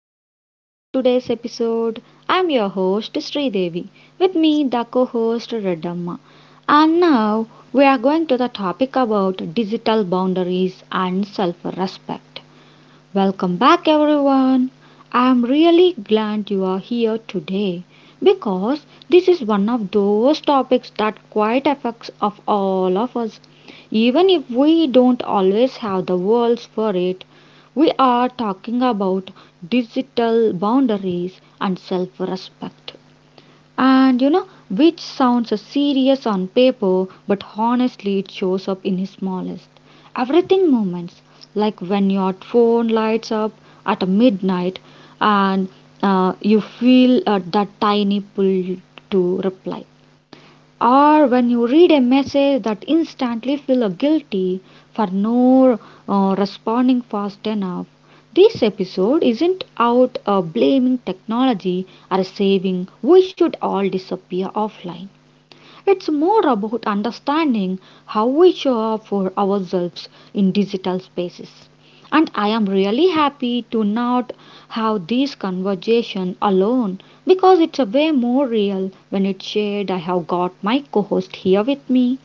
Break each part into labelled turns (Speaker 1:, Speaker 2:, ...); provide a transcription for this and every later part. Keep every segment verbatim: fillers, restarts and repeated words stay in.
Speaker 1: Welcome back to the today's episode. I'm your host Sri Devi. With me the co-host Redamma. And now we are going to the topic about digital boundaries and self-respect. Welcome back, everyone. I am really glad you are here today because this is one of those topics that quite affects of all of us. Even if we don't always have the words for it, we are talking about digital boundaries and self-respect. And you know, which sounds serious on paper, but honestly, it shows up in his smallest everything moments, like when your phone lights up at midnight and uh, you feel uh, that tiny pull to reply, or when you read a message that instantly feel guilty for no uh, responding fast enough. This episode isn't out uh, blaming technology or saving we should all disappear offline. It's more about understanding how we show up for ourselves in digital spaces. And I am really happy to not have this conversation alone because it's a way more real when it's shared. I have got my co host here with me.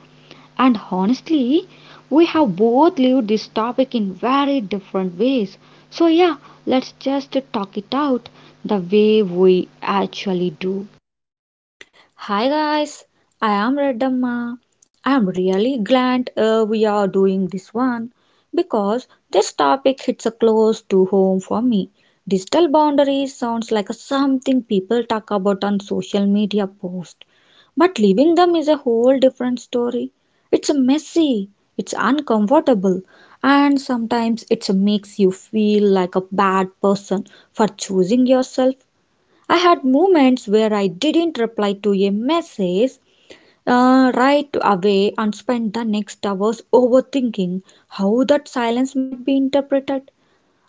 Speaker 1: And honestly, we have both lived this topic in very different ways. So, yeah, let's just talk it out the way we actually do.
Speaker 2: Hi guys, I am Redamma. I am really glad uh, we are doing this one because this topic hits a close to home for me. Digital boundaries sounds like a something people talk about on social media posts, but living them is a whole different story. It's messy, it's uncomfortable, and sometimes it makes you feel like a bad person for choosing yourself. I had moments where I didn't reply to a message uh, right away and spent the next hours overthinking how that silence might be interpreted.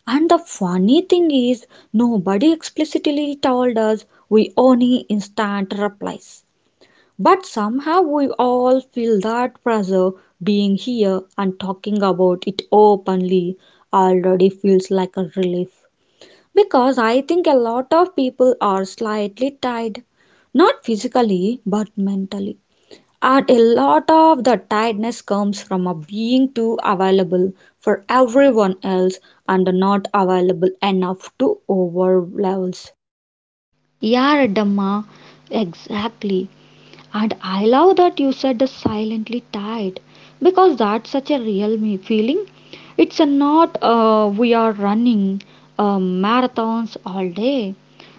Speaker 2: And the funny thing is, nobody explicitly told us we only instant replies. But somehow we all feel that pressure. Being here and talking about it openly already feels like a relief. Because I think a lot of people are slightly tired, not physically but mentally. And a lot of the tiredness comes from a being too available for everyone else and not available enough to ourselves.
Speaker 1: Yeah, Dhamma, exactly. And I love that you said the silently tied because that's such a real me feeling. It's a not uh, we are running uh, marathons all day,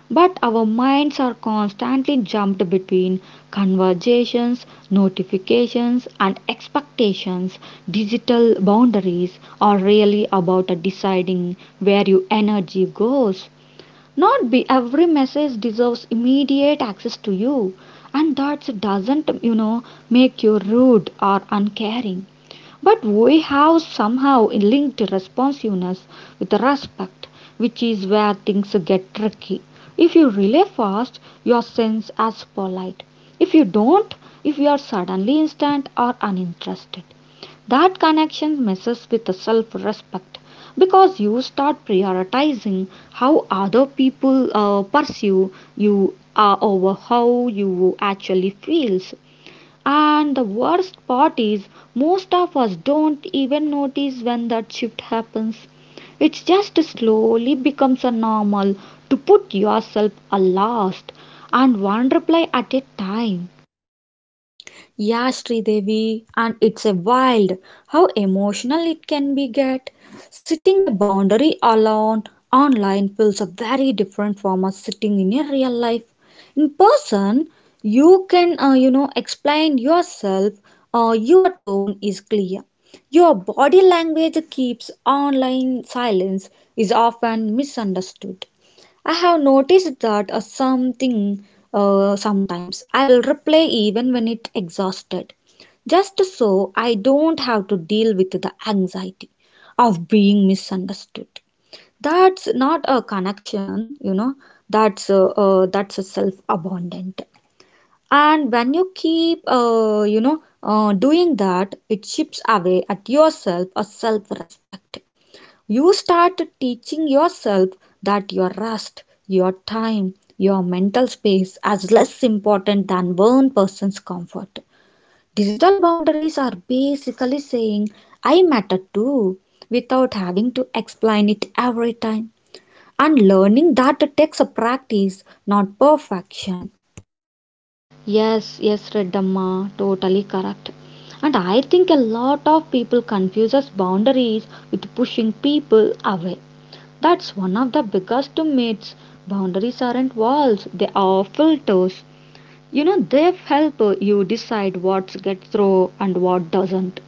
Speaker 1: but our minds are constantly jumped between conversations, notifications, and expectations. Digital boundaries are really about uh, deciding where your energy goes not be every message deserves immediate access to you, and that doesn't, you know, make you rude or uncaring. But we have somehow linked responsiveness with respect, which is where things get tricky. If you relay fast, you are seen as polite. If you don't, if you are suddenly instant or uninterested. That connection messes with the self respect because you start prioritizing how other people uh, pursue you uh, over how you actually feels. And the worst part is most of us don't even notice when that shift happens. It just slowly becomes a normal to put yourself a last and one reply at a time.
Speaker 2: Yeah, Sridevi, and it's a wild how emotional it can be get. Sitting a boundary alone online feels a very different from us sitting in a real life. In person, you can uh, you know explain yourself. Uh, your tone is clear. Your body language keeps online silence is often misunderstood. I have noticed that uh, something uh, sometimes I will reply even when it exhausted, just so I don't have to deal with the anxiety of being misunderstood. That's not a connection, you know. That's uh, uh, that's a self-abundant. And when you keep, uh, you know, uh, doing that, it chips away at yourself a self-respect. You start teaching yourself that your rest, your time, your mental space as less important than one person's comfort. Digital boundaries are basically saying, I matter too, without having to explain it every time. And learning that takes a practice, not perfection.
Speaker 1: Yes, yes, Redamma, totally correct. And I think a lot of people confuses boundaries with pushing people away. That's one of the biggest myths. Boundaries aren't walls, they are filters. You know, they help you decide what gets through and what doesn't.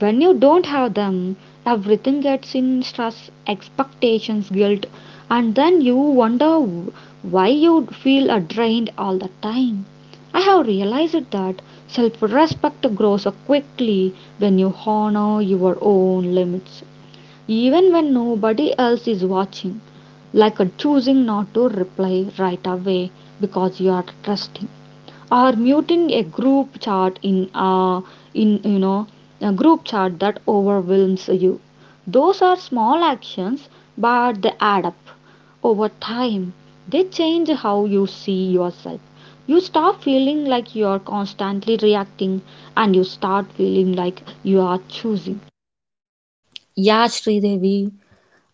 Speaker 1: When you don't have them, everything gets in stress, expectations, guilt, and then you wonder why you feel uh, drained all the time. I have realized that self respect grows uh, quickly when you honor your own limits even when nobody else is watching, like a choosing not to reply right away because you are trusting, or muting a group chat in a in you know a group chat that overwhelms you. Those are small actions, but they add up. Over time, they change how you see yourself. You stop feeling like you are constantly reacting and you start feeling like you are choosing.
Speaker 2: Yeah, Sridevi.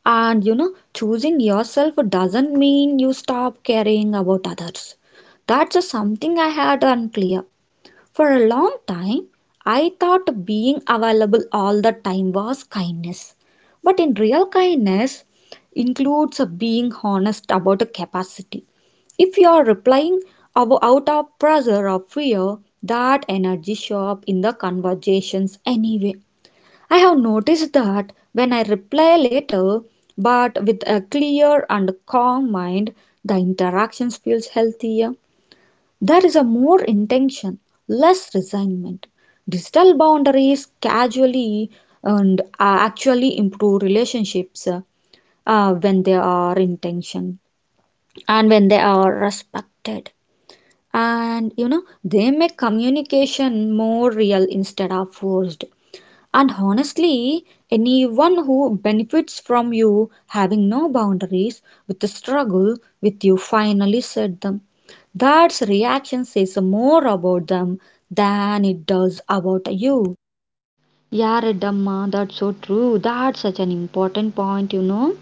Speaker 2: And you know, choosing yourself doesn't mean you stop caring about others. That's just something I had unclear. For a long time, I thought being available all the time was kindness. But in real kindness includes being honest about the capacity. If you are replying out of pressure or fear, that energy shows up in the conversations anyway. I have noticed that when I reply later, but with a clear and calm mind, the interactions feels healthier. There is a more intention, less resignment. Digital boundaries casually and uh, actually improve relationships uh, uh, when they are intention and when they are respected. And you know, they make communication more real instead of forced. And honestly, anyone who benefits from you having no boundaries with the struggle with you finally set them. That reaction says more about them than it does about you.
Speaker 1: Yeah, Reddamma, that's so true. That's such an important point, you know.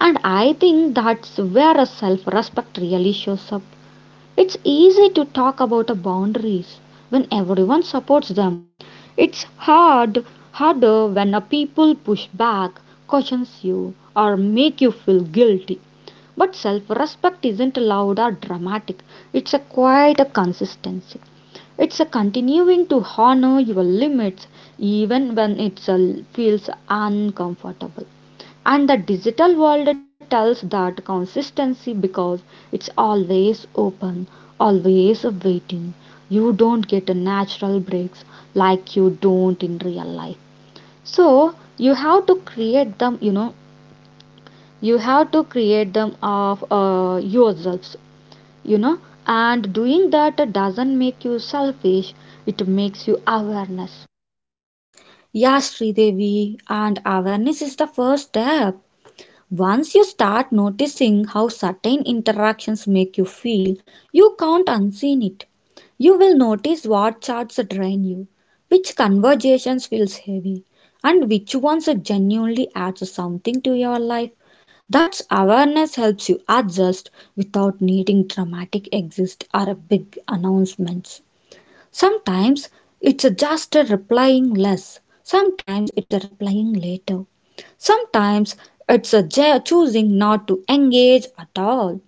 Speaker 1: And I think that's where a self respect really shows up. It's easy to talk about the boundaries when everyone supports them. It's hard, harder when a people push back, cautions you, or make you feel guilty. But self-respect isn't loud or dramatic. It's a quiet consistency. It's a continuing to honor your limits even when it feels uncomfortable. And the digital world tells that consistency because it's always open, always waiting. You don't get a natural breaks like you don't in real life. So you have to create them, you know, you have to create them of uh, yourselves, you know. And doing that doesn't make you selfish, it makes you awareness.
Speaker 2: Yeah, Sridevi, and awareness is the first step. Once you start noticing how certain interactions make you feel, you can't unseen it. You will notice what chats drain you, which conversations feels heavy, and which ones genuinely add something to your life. That awareness helps you adjust without needing dramatic exits or big announcements. Sometimes it's a just a replying less, sometimes it's a replying later, sometimes it's a ja- choosing not to engage at all.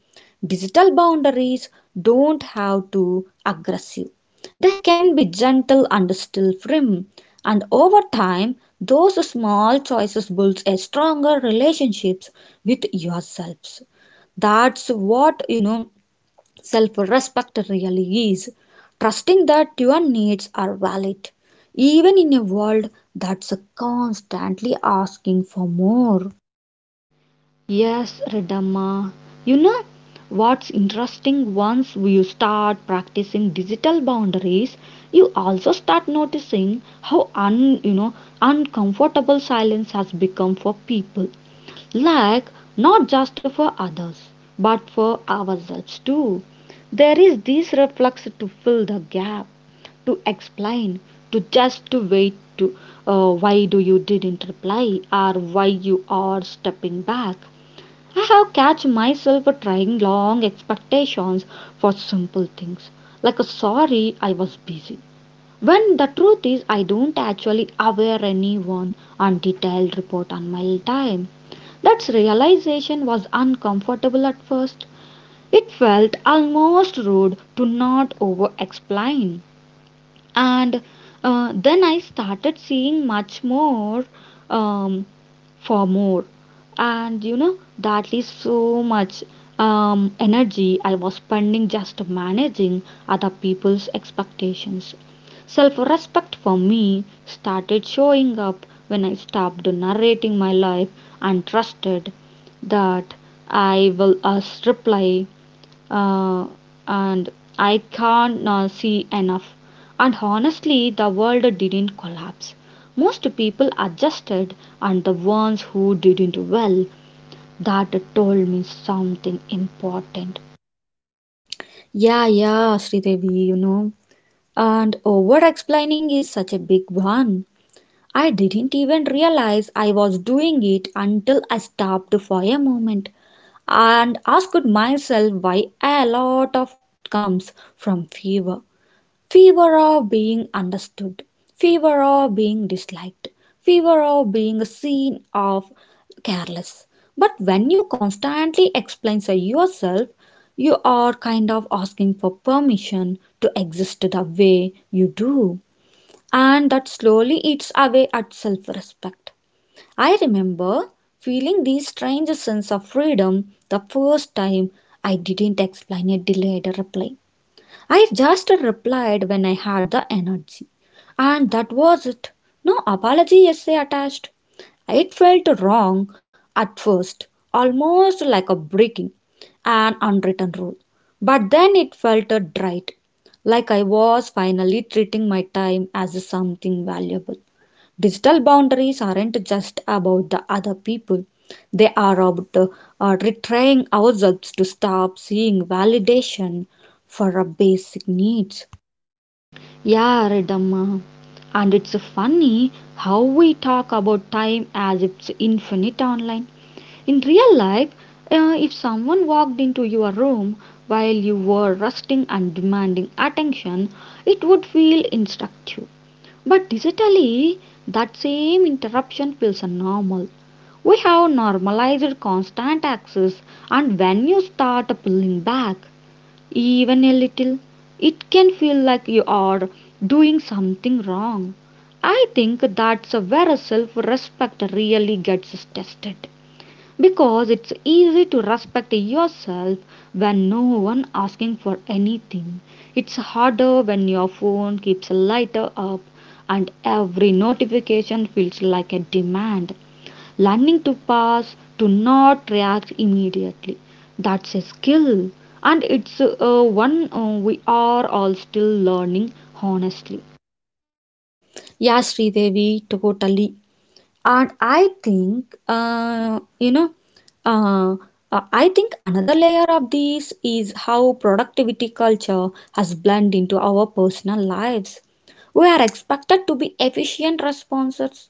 Speaker 2: Digital boundaries don't have to be aggressive. They can be gentle and still firm, and over time, those small choices build a stronger relationships with yourselves. That's what you know self respect really is, trusting that your needs are valid, even in a world that's constantly asking for more.
Speaker 1: Yes, Redamma. You know what's interesting? Once you start practicing digital boundaries, you also start noticing how un you know uncomfortable silence has become for people. Like not just for others, but for ourselves too. There is this reflex to fill the gap, to explain, to just to wait to uh, why do you didn't reply or why you are stepping back. I have catch myself trying long expectations for simple things like a sorry I was busy. When the truth is I don't actually aware anyone on detailed report on my time. That realization was uncomfortable at first. It felt almost rude to not over explain and uh, then I started seeing much more um, for more. And you know that is so much um, energy I was spending just managing other people's expectations. Self respect for me started showing up when I stopped narrating my life and trusted that I will uh, reply uh, and I can't uh, see enough. And honestly, the world didn't collapse. Most people adjusted, and the ones who didn't, well, that told me something important.
Speaker 2: Yeah, yeah, Sridevi, you know. And over explaining is such a big one. I didn't even realize I was doing it until I stopped for a moment and asked myself why. A lot of comes from fear, fever of being understood, fever of being disliked, fever of being seen of careless. But when you constantly explain so yourself, you are kind of asking for permission to exist the way you do, and that slowly eats away at self respect. I remember feeling this strange sense of freedom the first time I didn't explain a delayed reply. I just replied when I had the energy. And that was it. No apology essay attached. It felt wrong at first, almost like a breaking an unwritten rule. But then it felt right, like I was finally treating my time as something valuable. Digital boundaries aren't just about the other people, they are about uh, uh, retraining ourselves to stop seeing validation for our basic needs.
Speaker 1: Yeah, Ridhamma. And it's funny how we talk about time as if it's infinite online. In real life, uh, if someone walked into your room while you were resting and demanding attention, it would feel instructive. But digitally, that same interruption feels normal. We have normalized constant access, and when you start pulling back, even a little, it can feel like you are doing something wrong. I think that's where self respect really gets tested because it's easy to respect yourself when no one asking for anything. It's harder when your phone keeps a lighter up and every notification feels like a demand. Learning to pass to not react immediately, that's a skill and it's uh, one uh, we are all still learning, honestly.
Speaker 2: Yeah, Sridevi, totally. And I think, uh, you know, uh, uh, I think another layer of this is how productivity culture has blended into our personal lives. We are expected to be efficient responders,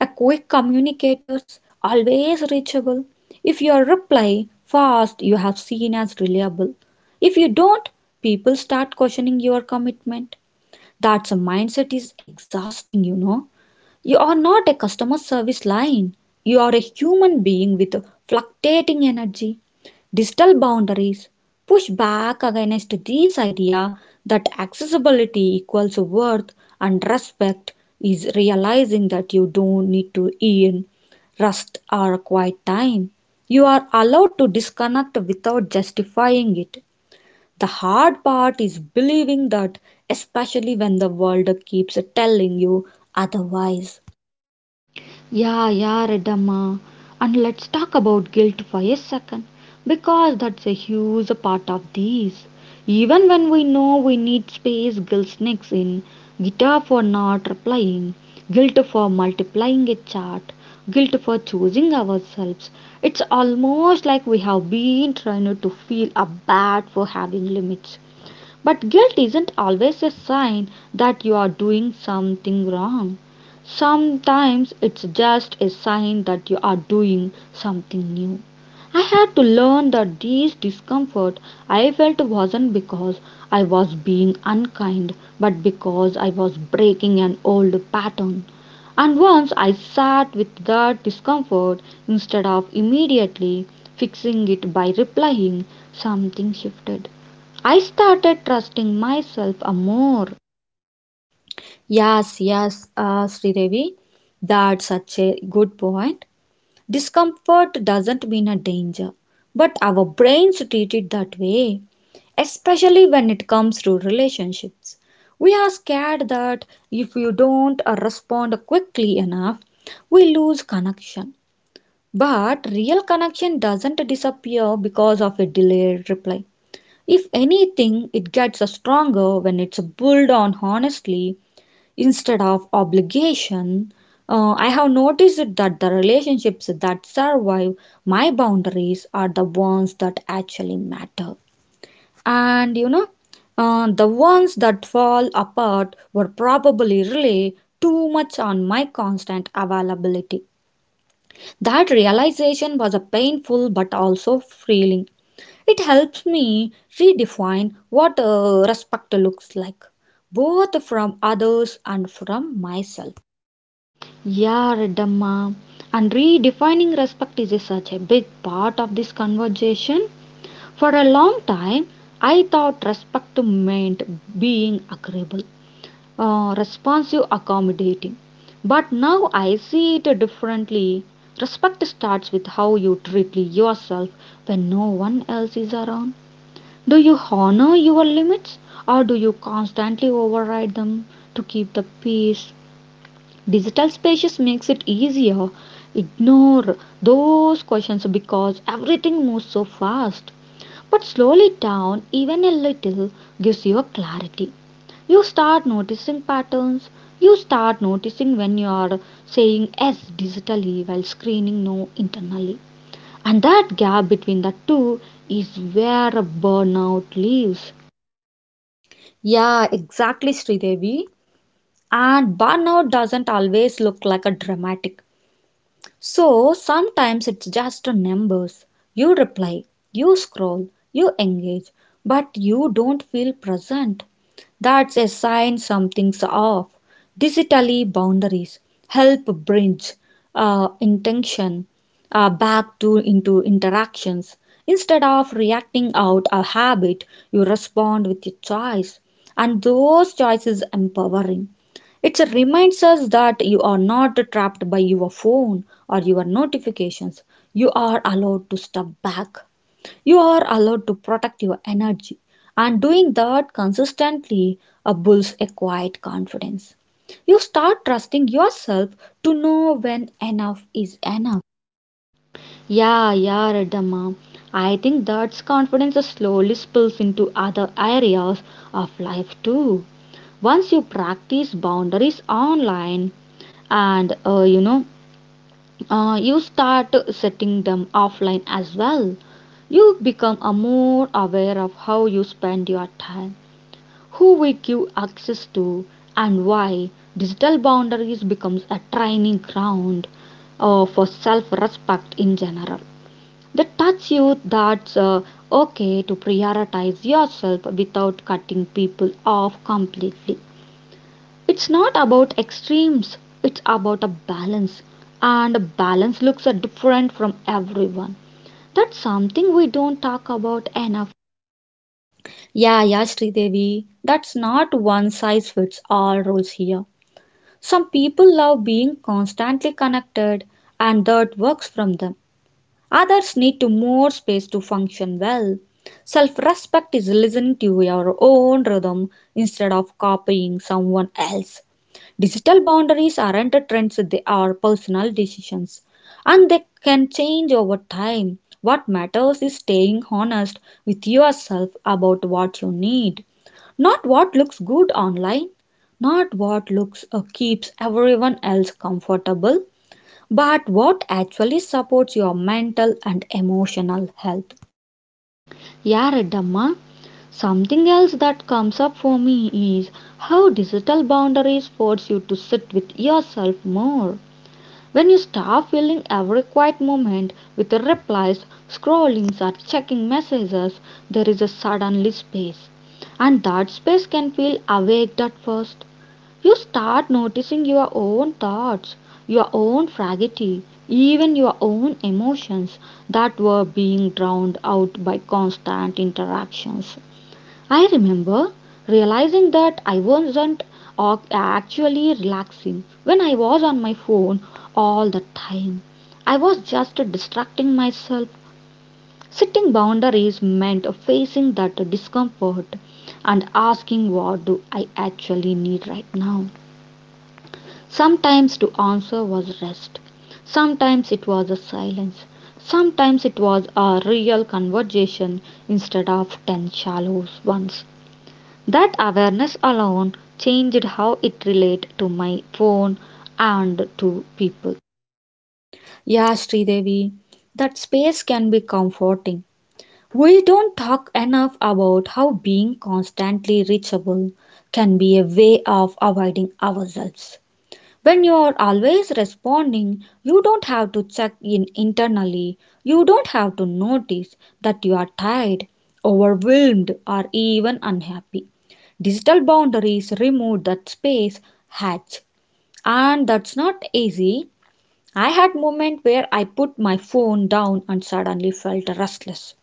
Speaker 2: a quick communicators, always reachable. If your reply fast, you have seen as reliable. If you don't, people start questioning your commitment. That's a mindset is exhausting, you know. You are not a customer service line. You are a human being with fluctuating energy. Digital boundaries push back against this idea that accessibility equals worth and respect is realizing that you don't need to earn rest or quiet time. You are allowed to disconnect without justifying it. The hard part is believing that, especially when the world keeps telling you otherwise.
Speaker 1: Yeah, yeah, Redamma. And let's talk about guilt for a second because that's a huge part of this. Even when we know we need space, guilt sneaks in. Guitar for not replying, guilt for multiplying a chart, guilt for choosing ourselves. It's almost like we have been trying to feel a bad for having limits. But guilt isn't always a sign that you are doing something wrong. Sometimes it's just a sign that you are doing something new. I had to learn that this discomfort I felt wasn't because I was being unkind, but because I was breaking an old pattern. And once I sat with that discomfort instead of immediately fixing it by replying, something shifted. I started trusting myself a more.
Speaker 2: Yes, yes, uh, Sri Devi, that's such a good point. Discomfort doesn't mean a danger, but our brains treat it that way, especially when it comes to relationships. We are scared that if you don't uh, respond quickly enough, we lose connection. But real connection doesn't disappear because of a delayed reply. If anything, it gets stronger when it's built on honesty instead of obligation. Uh, I have noticed that the relationships that survive my boundaries are the ones that actually matter. And you know, uh, the ones that fall apart were probably really too much on my constant availability. That realization was a painful but also freeing. It helps me redefine what uh, respect looks like, both from others and from myself.
Speaker 1: Yeah, Reddamma. And redefining respect is such a big part of this conversation. For a long time, I thought respect meant being agreeable, uh, responsive, accommodating. But now I see it differently. Respect starts with how you treat yourself when no one else is around. Do you honor your limits or do you constantly override them to keep the peace? Digital spaces makes it easier. Ignore those questions because everything moves so fast. But slowly down even a little gives you clarity. You start noticing patterns. You start noticing when you are saying yes digitally while screening no internally. And that gap between the two is where a burnout lives.
Speaker 2: Yeah, exactly, Sridevi. And burnout doesn't always look like a dramatic. So sometimes it's just numbers. You reply, you scroll, you engage, but you don't feel present. That's a sign something's off. Digitally, boundaries help bridge uh, intention uh, back to into interactions. Instead of reacting out a habit, you respond with a choice, and those choices empowering. It reminds us that you are not trapped by your phone or your notifications. You are allowed to step back. You are allowed to protect your energy. And doing that consistently uh, builds a quiet confidence. You start trusting yourself to know when enough is enough.
Speaker 1: Yeah, yeah, Redamma. I think that's confidence slowly spills into other areas of life too. Once you practice boundaries online and uh, you know, uh, you start setting them offline as well, you become a more aware of how you spend your time, who we give access to, and why. Digital boundaries becomes a training ground uh, for self-respect in general that touch you that's uh, okay to prioritize yourself without cutting people off completely. It's not about extremes, it's about a balance, and a balance looks uh, different from everyone. That's something we don't talk about enough.
Speaker 2: Yeah, yeah, Sridevi, that's not one size fits all rules here. Some people love being constantly connected, and that works from them. Others need to more space to function well. Self-respect is listening to your own rhythm instead of copying someone else. Digital boundaries aren't trends, they are personal decisions and they can change over time. What matters is staying honest with yourself about what you need, not what looks good online, not what looks uh, keeps everyone else comfortable, but what actually supports your mental and emotional health.
Speaker 1: Yeah, Redamma. Something else that comes up for me is how digital boundaries force you to sit with yourself more. When you start filling every quiet moment with replies, scrollings, or checking messages, there is a suddenly space. And that space can feel awake at first. You start noticing your own thoughts, your own fragility, even your own emotions that were being drowned out by constant interactions. I remember realizing that I wasn't ac- actually relaxing when I was on my phone all the time. I was just distracting myself. Setting boundaries meant facing that discomfort and asking what do I actually need right now. Sometimes the answer was rest. Sometimes it was a silence. Sometimes it was a real conversation instead of ten shallow ones. That awareness alone changed how it related to my phone and to people.
Speaker 2: Yeah, Sridevi, that space can be comforting. We don't talk enough about how being constantly reachable can be a way of avoiding ourselves. When you're always responding, you don't have to check in internally. You don't have to notice that you are tired, overwhelmed, or even unhappy. Digital boundaries remove that space hatch, and that's not easy. I had moment where I put my phone down and suddenly felt restless,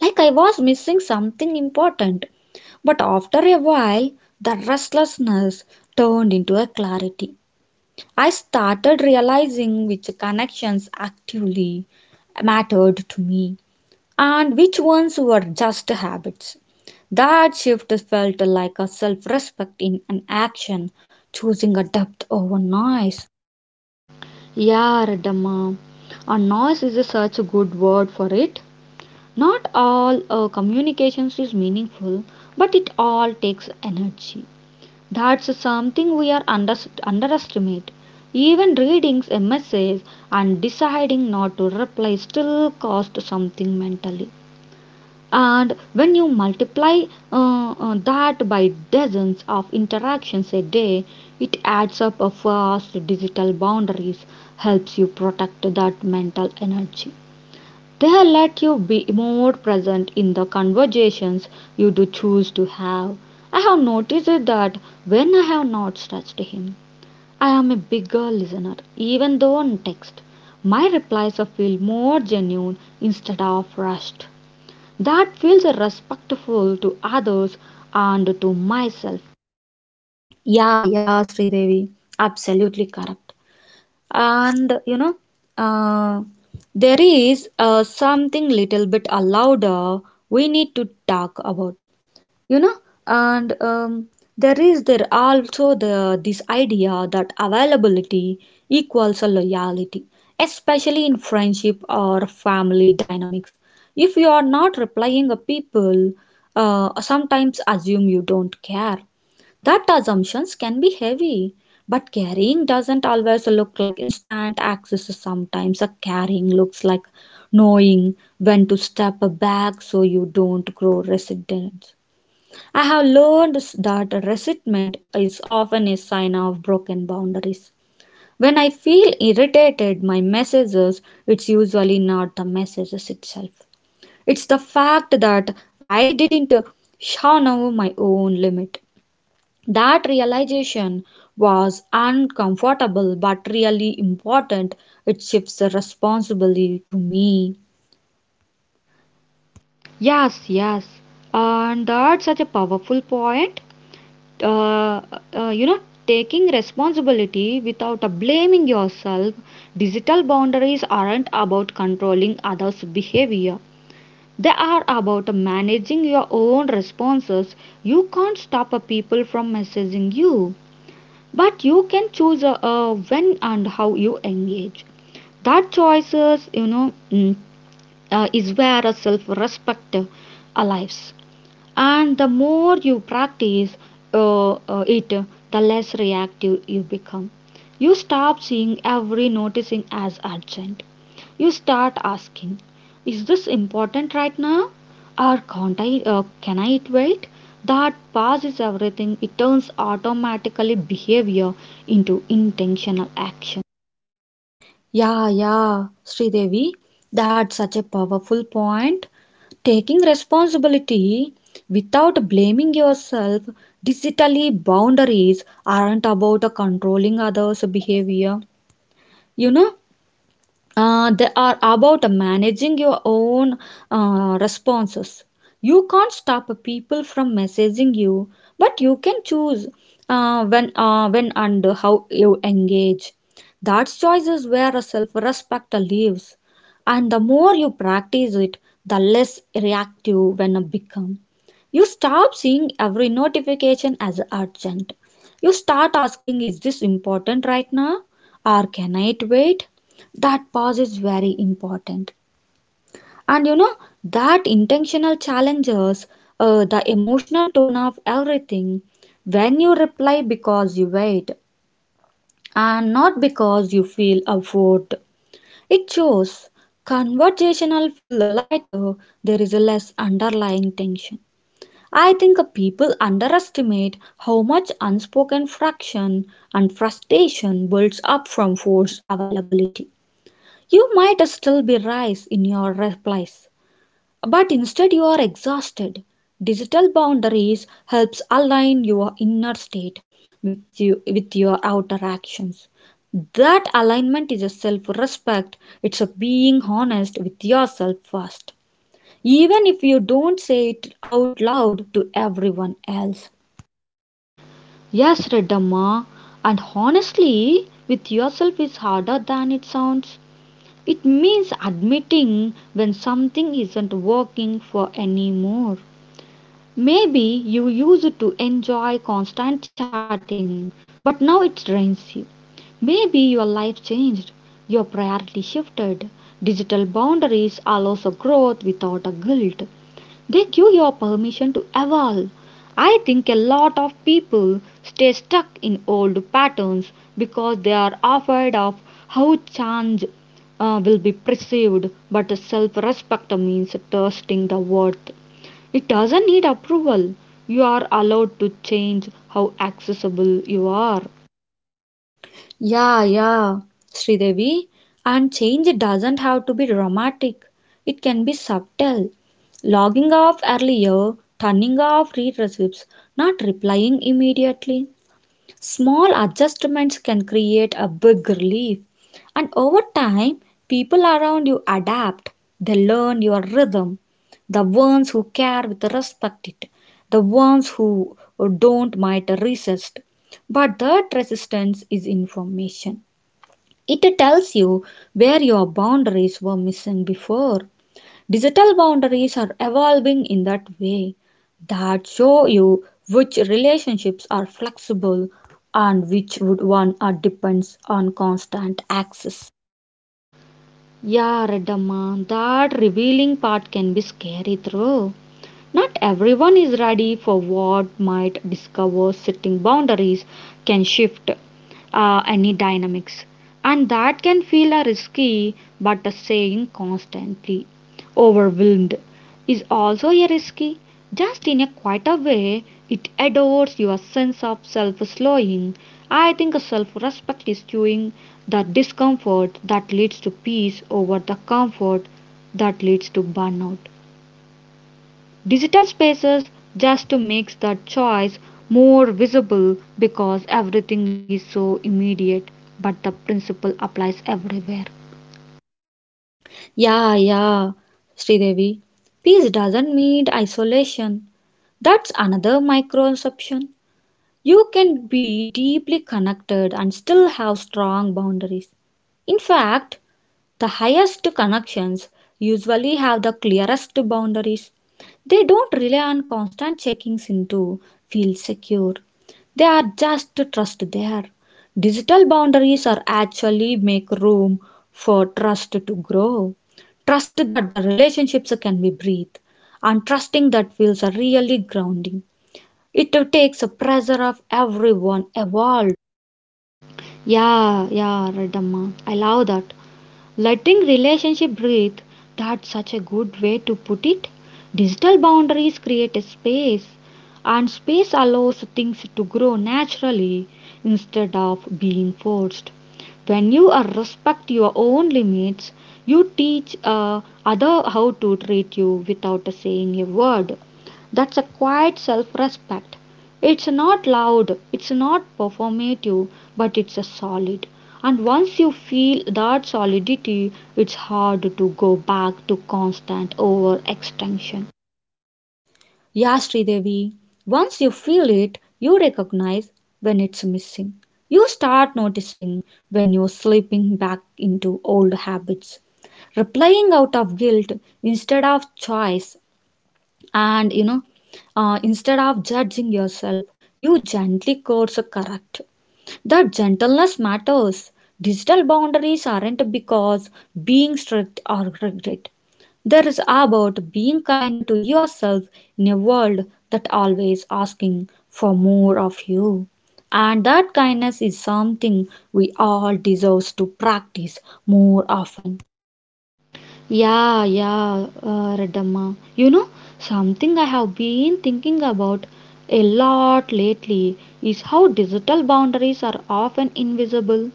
Speaker 2: like I was missing something important. But after a while, the restlessness turned into a clarity. I started realizing which connections actively mattered to me and which ones were just habits. That shift felt like a self respect in an action, choosing a depth over noise.
Speaker 1: Yeah, Radhamma, a noise is such a good word for it. Not all uh, communications is meaningful, but it all takes energy. That's something we are under- underestimate. Even reading M S As and deciding not to reply still cost something mentally. And when you multiply uh, uh, that by dozens of interactions a day, it adds up a fast digital boundaries, helps you protect that mental energy. They let you be more present in the conversations you do choose to have. I have noticed that when I have not touched him, I am a bigger listener, even though on text. My replies feel more genuine instead of rushed that feels respectful to others and to myself.
Speaker 2: Yeah, yeah, Sridevi, absolutely correct. And you know, uh, there is uh, something little bit louder we need to talk about, you know. And um, there is there also the this idea that availability equals a loyalty, especially in friendship or family dynamics. If you are not replying, a people uh, sometimes assume you don't care. That assumptions can be heavy, but caring doesn't always look like instant access. Sometimes a caring looks like knowing when to step back so you don't grow resentment. I have learned that resentment is often a sign of broken boundaries. When I feel irritated my messages, it's usually not the messages itself. It's the fact that I didn't know my own limit. That realization was uncomfortable but really important. It shifts the responsibility to me.
Speaker 1: Yes, yes, and that's such a powerful point. Uh, uh, you know, Taking responsibility without uh, blaming yourself. Digital boundaries aren't about controlling others' behavior. They are about managing your own responses. You can't stop uh, people from messaging you, but you can choose uh, uh, when and how you engage. That choices you know mm, uh, is where a self-respect uh, lives, and the more you practice uh, uh, it, the less reactive you become. You stop seeing every noticing as urgent. You start asking, is this important right now, or can't I uh, can I wait? That passes everything. It turns automatically behavior into intentional action.
Speaker 2: Yeah, yeah, Sridevi, that's such a powerful point. Taking responsibility without blaming yourself, digitally boundaries aren't about controlling others' behavior. You know, uh, they are about managing your own uh, responses. You can't stop people from messaging you, but you can choose uh, when, uh, when and how you engage. That choice is where self-respect lives, and the more you practice it, the less reactive when you become. You stop seeing every notification as urgent. You start asking, "Is this important right now?" or "Can I wait?" That pause is very important, and you know that intentional challenges uh, the emotional tone of everything. When you reply because you wait and not because you feel a vote, it shows conversational feel lighter. There is a less underlying tension. I think uh, people underestimate how much unspoken friction and frustration builds up from forced availability. You might still be rice in your replies, but instead you are exhausted. Digital boundaries helps align your inner state with you with your outer actions. That alignment is a self-respect. It's a being honest with yourself first, even if you don't say it out loud to everyone else.
Speaker 1: Yes, redamma, and honestly with yourself is harder than it sounds. It means admitting when something isn't working for anymore. Maybe you used to enjoy constant chatting, but now it drains you. Maybe your life changed, your priority shifted. Digital boundaries allows a growth without a guilt. They give your permission to evolve. I think a lot of people stay stuck in old patterns because they are afraid of how change uh, will be perceived, but self respect means trusting the worth. It doesn't need approval. You are allowed to change how accessible you are.
Speaker 2: Yeah, yeah, Sridevi. And change doesn't have to be dramatic, it can be subtle. Logging off earlier, turning off read receipts, not replying immediately. Small adjustments can create a big relief, and over time, people around you adapt. They learn your rhythm. The ones who care will respect it, the ones who don't might resist. But that resistance is information. It tells you where your boundaries were missing before. Digital boundaries are evolving in that way that show you which relationships are flexible and which would one are depends on constant access.
Speaker 1: Yeah, Reddamma, that revealing part can be scary though. Not everyone is ready for what might discover setting boundaries can shift uh, any dynamics. And that can feel a risky, but a saying constantly overwhelmed is also a risky. Just in a quieter way, it adores your sense of self slowing. I think self respect is chewing the discomfort that leads to peace over the comfort that leads to burnout. Digital spaces just makes that choice more visible because everything is so immediate, but the principle applies everywhere.
Speaker 2: Yeah, yeah, Sridevi. Peace doesn't mean isolation. That's another microception. You can be deeply connected and still have strong boundaries. In fact, the highest connections usually have the clearest boundaries. They don't rely on constant checkings in to feel secure. They are just trust there. Digital boundaries are actually make room for trust to grow. Trust that the relationships can be breathed, and trusting that feels really grounding. It takes a pressure of everyone evolved.
Speaker 1: Yeah, yeah, Redamma. I love that. Letting relationship breathe, that's such a good way to put it. Digital boundaries create a space, and space allows things to grow naturally instead of being forced. When you uh, respect your own limits, you teach uh, other how to treat you without saying a word. That's a quiet self-respect. It's not loud, it's not performative, but it's a solid. And once you feel that solidity, it's hard to go back to constant overextension.
Speaker 2: Yeah, Sridevi, once you feel it, you recognize when it's missing. You start noticing when you're slipping back into old habits, replying out of guilt instead of choice, and you know, uh, instead of judging yourself, you gently course correct. That gentleness matters. Digital boundaries aren't because being strict or rigid. There is about being kind to yourself in a world that always asking for more of you. And that kindness is something we all deserve to practice more often.
Speaker 1: Yeah, yeah, uh, Redamma. You know, something I have been thinking about a lot lately is how digital boundaries are often invisible,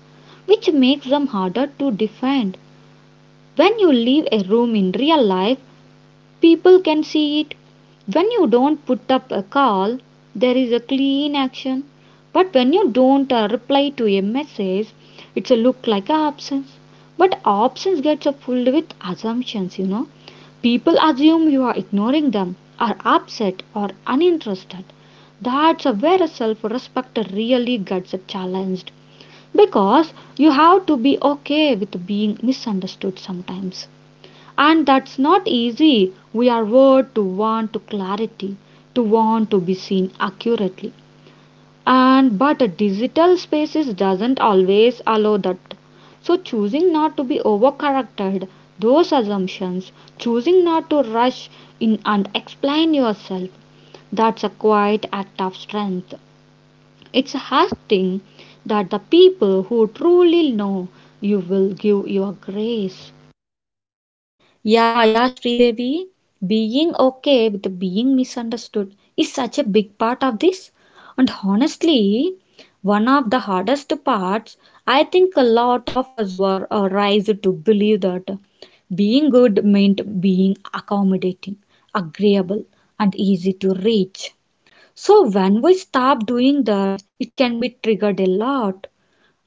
Speaker 1: which makes them harder to define. When you leave a room in real life, people can see it. When you don't put up a call, there is a clean action. But when you don't uh, reply to a message, it's a look like a absence. But absence gets uh, filled with assumptions, you know. People assume you are ignoring them, are upset or uninterested. That's uh, where self-respect really gets uh, challenged, because you have to be okay with being misunderstood sometimes, and that's not easy. We are word to want to clarity, to want to be seen accurately. And but a digital spaces doesn't always allow that. So choosing not to be overcorrected those assumptions, choosing not to rush in and explain yourself, that's a quiet act of strength. It's a hard thing that the people who truly know you will give your grace.
Speaker 2: Yeah, yeah, Sridevi. Being okay with being misunderstood is such a big part of this. And honestly, one of the hardest parts, I think a lot of us were uh, raised to believe that being good meant being accommodating, agreeable, and easy to reach. So when we stop doing that, it can be triggered a lot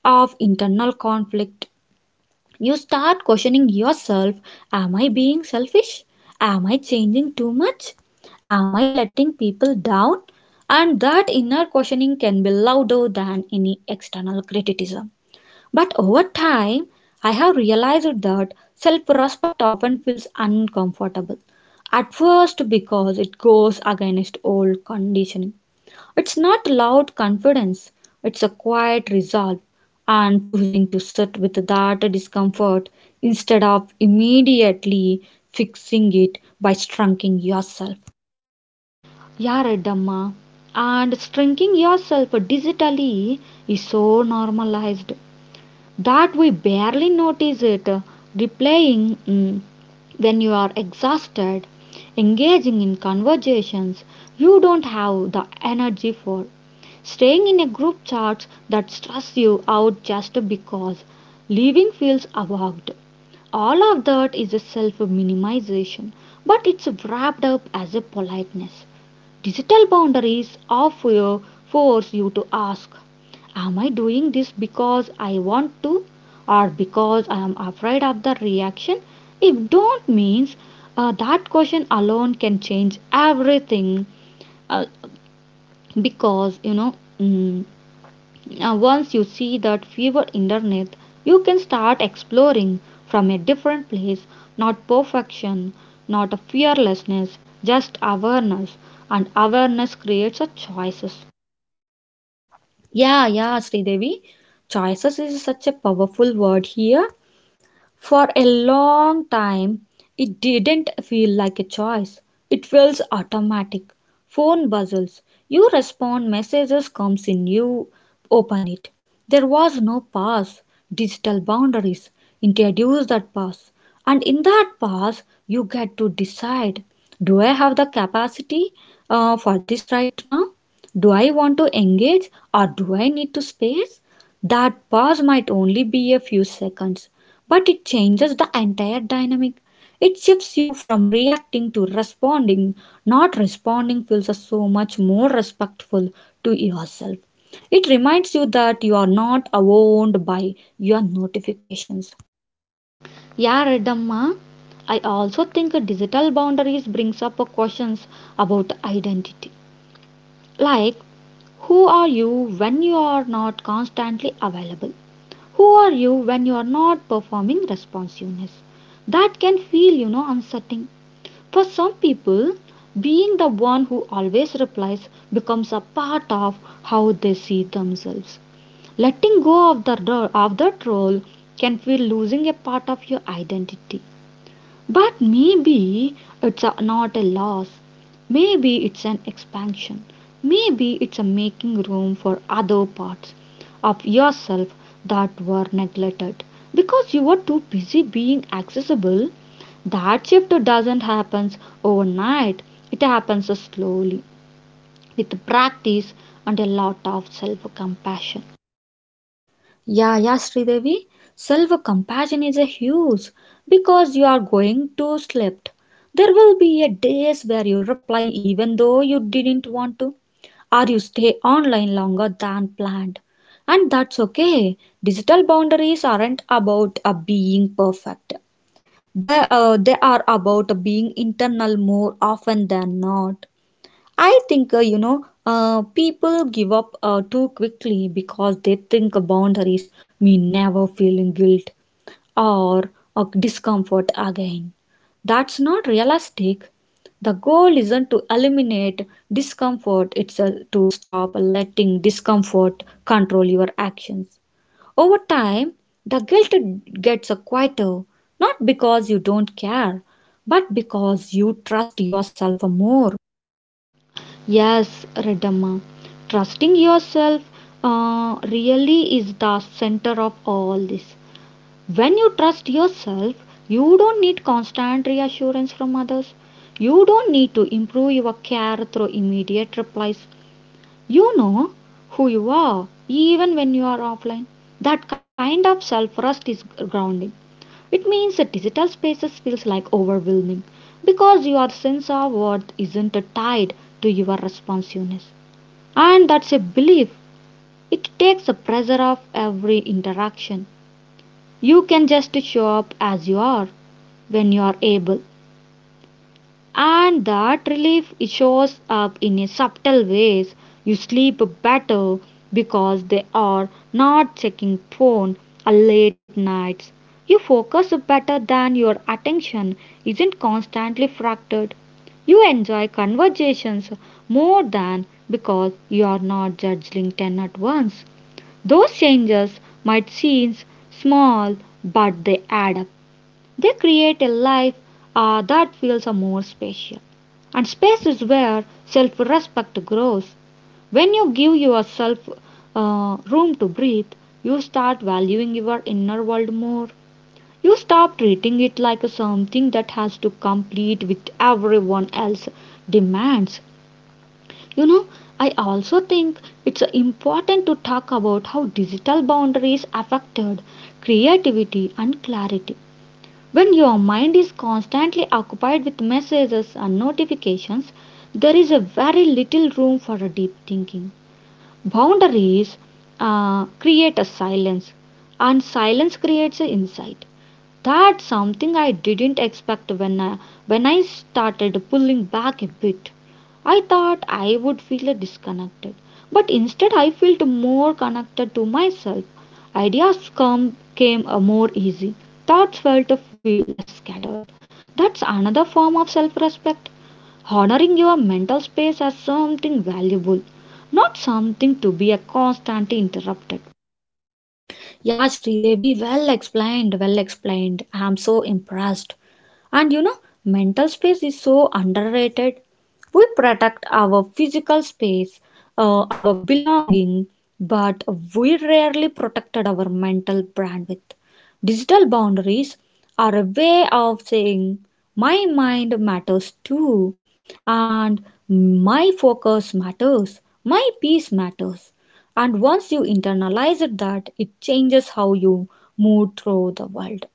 Speaker 2: of internal conflict. You start questioning yourself. Am I being selfish? Am I changing too much? Am I letting people down? And that inner questioning can be louder than any external criticism. But over time, I have realized that self respect often feels uncomfortable. At first, because it goes against old conditioning, it's not loud confidence, it's a quiet resolve, and choosing to sit with that discomfort instead of immediately fixing it by shrinking yourself.
Speaker 1: Yaradamma, and shrinking yourself digitally is so normalized that we barely notice it, replying mm, when you are exhausted, engaging in conversations you don't have the energy for, staying in a group chat that stress you out just because, leaving feels awkward. All of that is a self minimization, but it's wrapped up as a politeness. Digital boundaries of your force you to ask, am I doing this because I want to, or because I am afraid of the reaction? If don't means uh, that question alone can change everything uh, because you know mm, uh, once you see that fever underneath, you can start exploring from a different place, not perfection, not a fearlessness, just awareness. And awareness creates a choices.
Speaker 2: Yeah, yeah, Sridevi. Choices is such a powerful word here. For a long time, it didn't feel like a choice. It feels automatic. Phone buzzes. You respond, messages comes in, you open it. There was no pause. Digital boundaries introduce that pause. And in that pause, you get to decide, do I have the capacity uh, for this right now? Do I want to engage or do I need to space? That pause might only be a few seconds, but it changes the entire dynamic. It shifts you from reacting to responding. Not responding feels so much more respectful to yourself. It reminds you that you are not owned by your notifications.
Speaker 1: Yeah, Redamma. I also think digital boundaries brings up questions about identity. Like, who are you when you are not constantly available? Who are you when you are not performing responsiveness? That can feel, you know, unsettling. For some people, being the one who always replies becomes a part of how they see themselves. Letting go of the of that role can feel losing a part of your identity. But maybe it's a, not a loss. Maybe it's an expansion. Maybe it's a making room for other parts of yourself that were neglected because you were too busy being accessible. That shift doesn't happen overnight. It happens slowly with practice and a lot of self compassion.
Speaker 2: Yeah, yeah, Sridevi. Self compassion is a huge because you are going to sleep. There will be a days where you reply even though you didn't want to, or you stay online longer than planned. And that's okay. Digital boundaries aren't about uh, being perfect. They, uh, they are about being internal more often than not. I think, uh, you know, uh, people give up uh, too quickly because they think boundaries mean never feeling guilt or, or discomfort again. That's not realistic. The goal isn't to eliminate discomfort, it's uh, to stop letting discomfort control your actions. Over time, the guilt gets uh, quieter, not because you don't care, but because you trust yourself more.
Speaker 1: Yes, Radhamma, trusting yourself uh, really is the center of all this. When you trust yourself, you don't need constant reassurance from others. You don't need to improve your care through immediate replies. You know who you are even when you are offline. That kind of self trust is grounding. It means that digital spaces feels like overwhelming because your sense of worth isn't tied to your responsiveness. And that's a belief. It takes the pressure off every interaction. You can just show up as you are when you are able, and that relief shows up in a subtle ways. You sleep better because they are not checking phone or late nights. You focus better than your attention isn't constantly fractured. You enjoy conversations more than because you are not judging ten at once. Those changes might seem small, but they add up. They create a life uh, that feels uh, more special. And space is where self respect grows. When you give yourself uh, room to breathe, you start valuing your inner world more. You stop treating it like something that has to complete with everyone else's demands. You know, I also think it's important to talk about how digital boundaries affected creativity and clarity. When your mind is constantly occupied with messages and notifications, there is a very little room for a deep thinking. Boundaries uh, create a silence, and silence creates an insight. That's something I didn't expect when I, when I started pulling back a bit. I thought I would feel disconnected, but instead I felt more connected to myself. Ideas come, came uh, more easy. Thoughts felt to feel less scattered. That's another form of self-respect. Honoring your mental space as something valuable, not something to be a constant interrupted.
Speaker 2: Yeah, Sridevi, well explained, well explained. I'm so impressed. And you know, mental space is so underrated. We protect our physical space, uh, our belonging, but we rarely protected our mental bandwidth. Digital boundaries are a way of saying my mind matters too, and my focus matters, my peace matters. And once you internalize it, that it changes how you move through the world.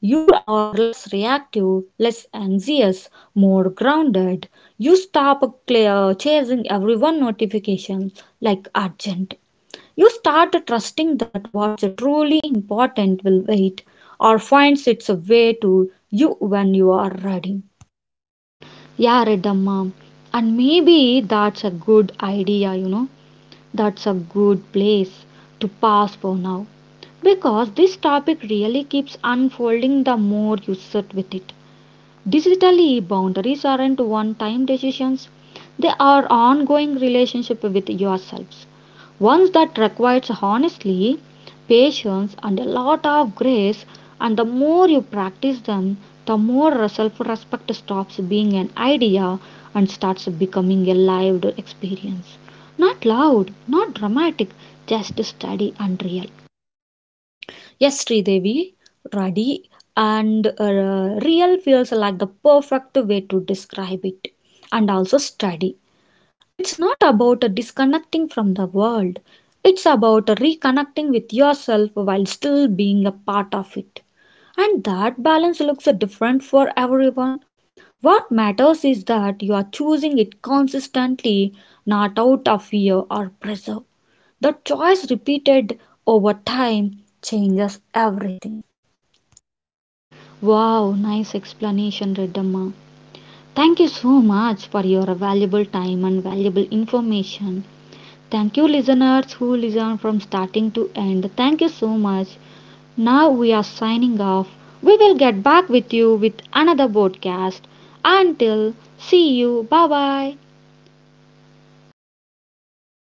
Speaker 2: You are less reactive, less anxious, more grounded. You stop clear chasing everyone notification like urgent. You start trusting that what's truly important will wait or finds its way to you when you are ready.
Speaker 1: Yeah, Reddamma. And maybe that's a good idea, you know. That's a good place to pass for now. Because this topic really keeps unfolding the more you sit with it. Digitally, boundaries aren't one time decisions, they are ongoing relationship with yourselves. Ones that requires honestly, patience and a lot of grace, and the more you practice them, the more self-respect stops being an idea and starts becoming a lived experience. Not loud, not dramatic, just steady and real.
Speaker 2: Yes, Sridevi, Radi and uh, real feels are like the perfect way to describe it and also study. It's not about uh, disconnecting from the world, it's about reconnecting with yourself while still being a part of it. And that balance looks uh, different for everyone. What matters is that you are choosing it consistently, not out of fear or pressure. The choice repeated over time changes everything.
Speaker 1: Wow, nice explanation, Redamma. Thank you so much for your valuable time and valuable information. Thank you, listeners who listen from starting to end. Thank you so much. Now we are signing off. We will get back with you with another podcast. Until see you. Bye bye.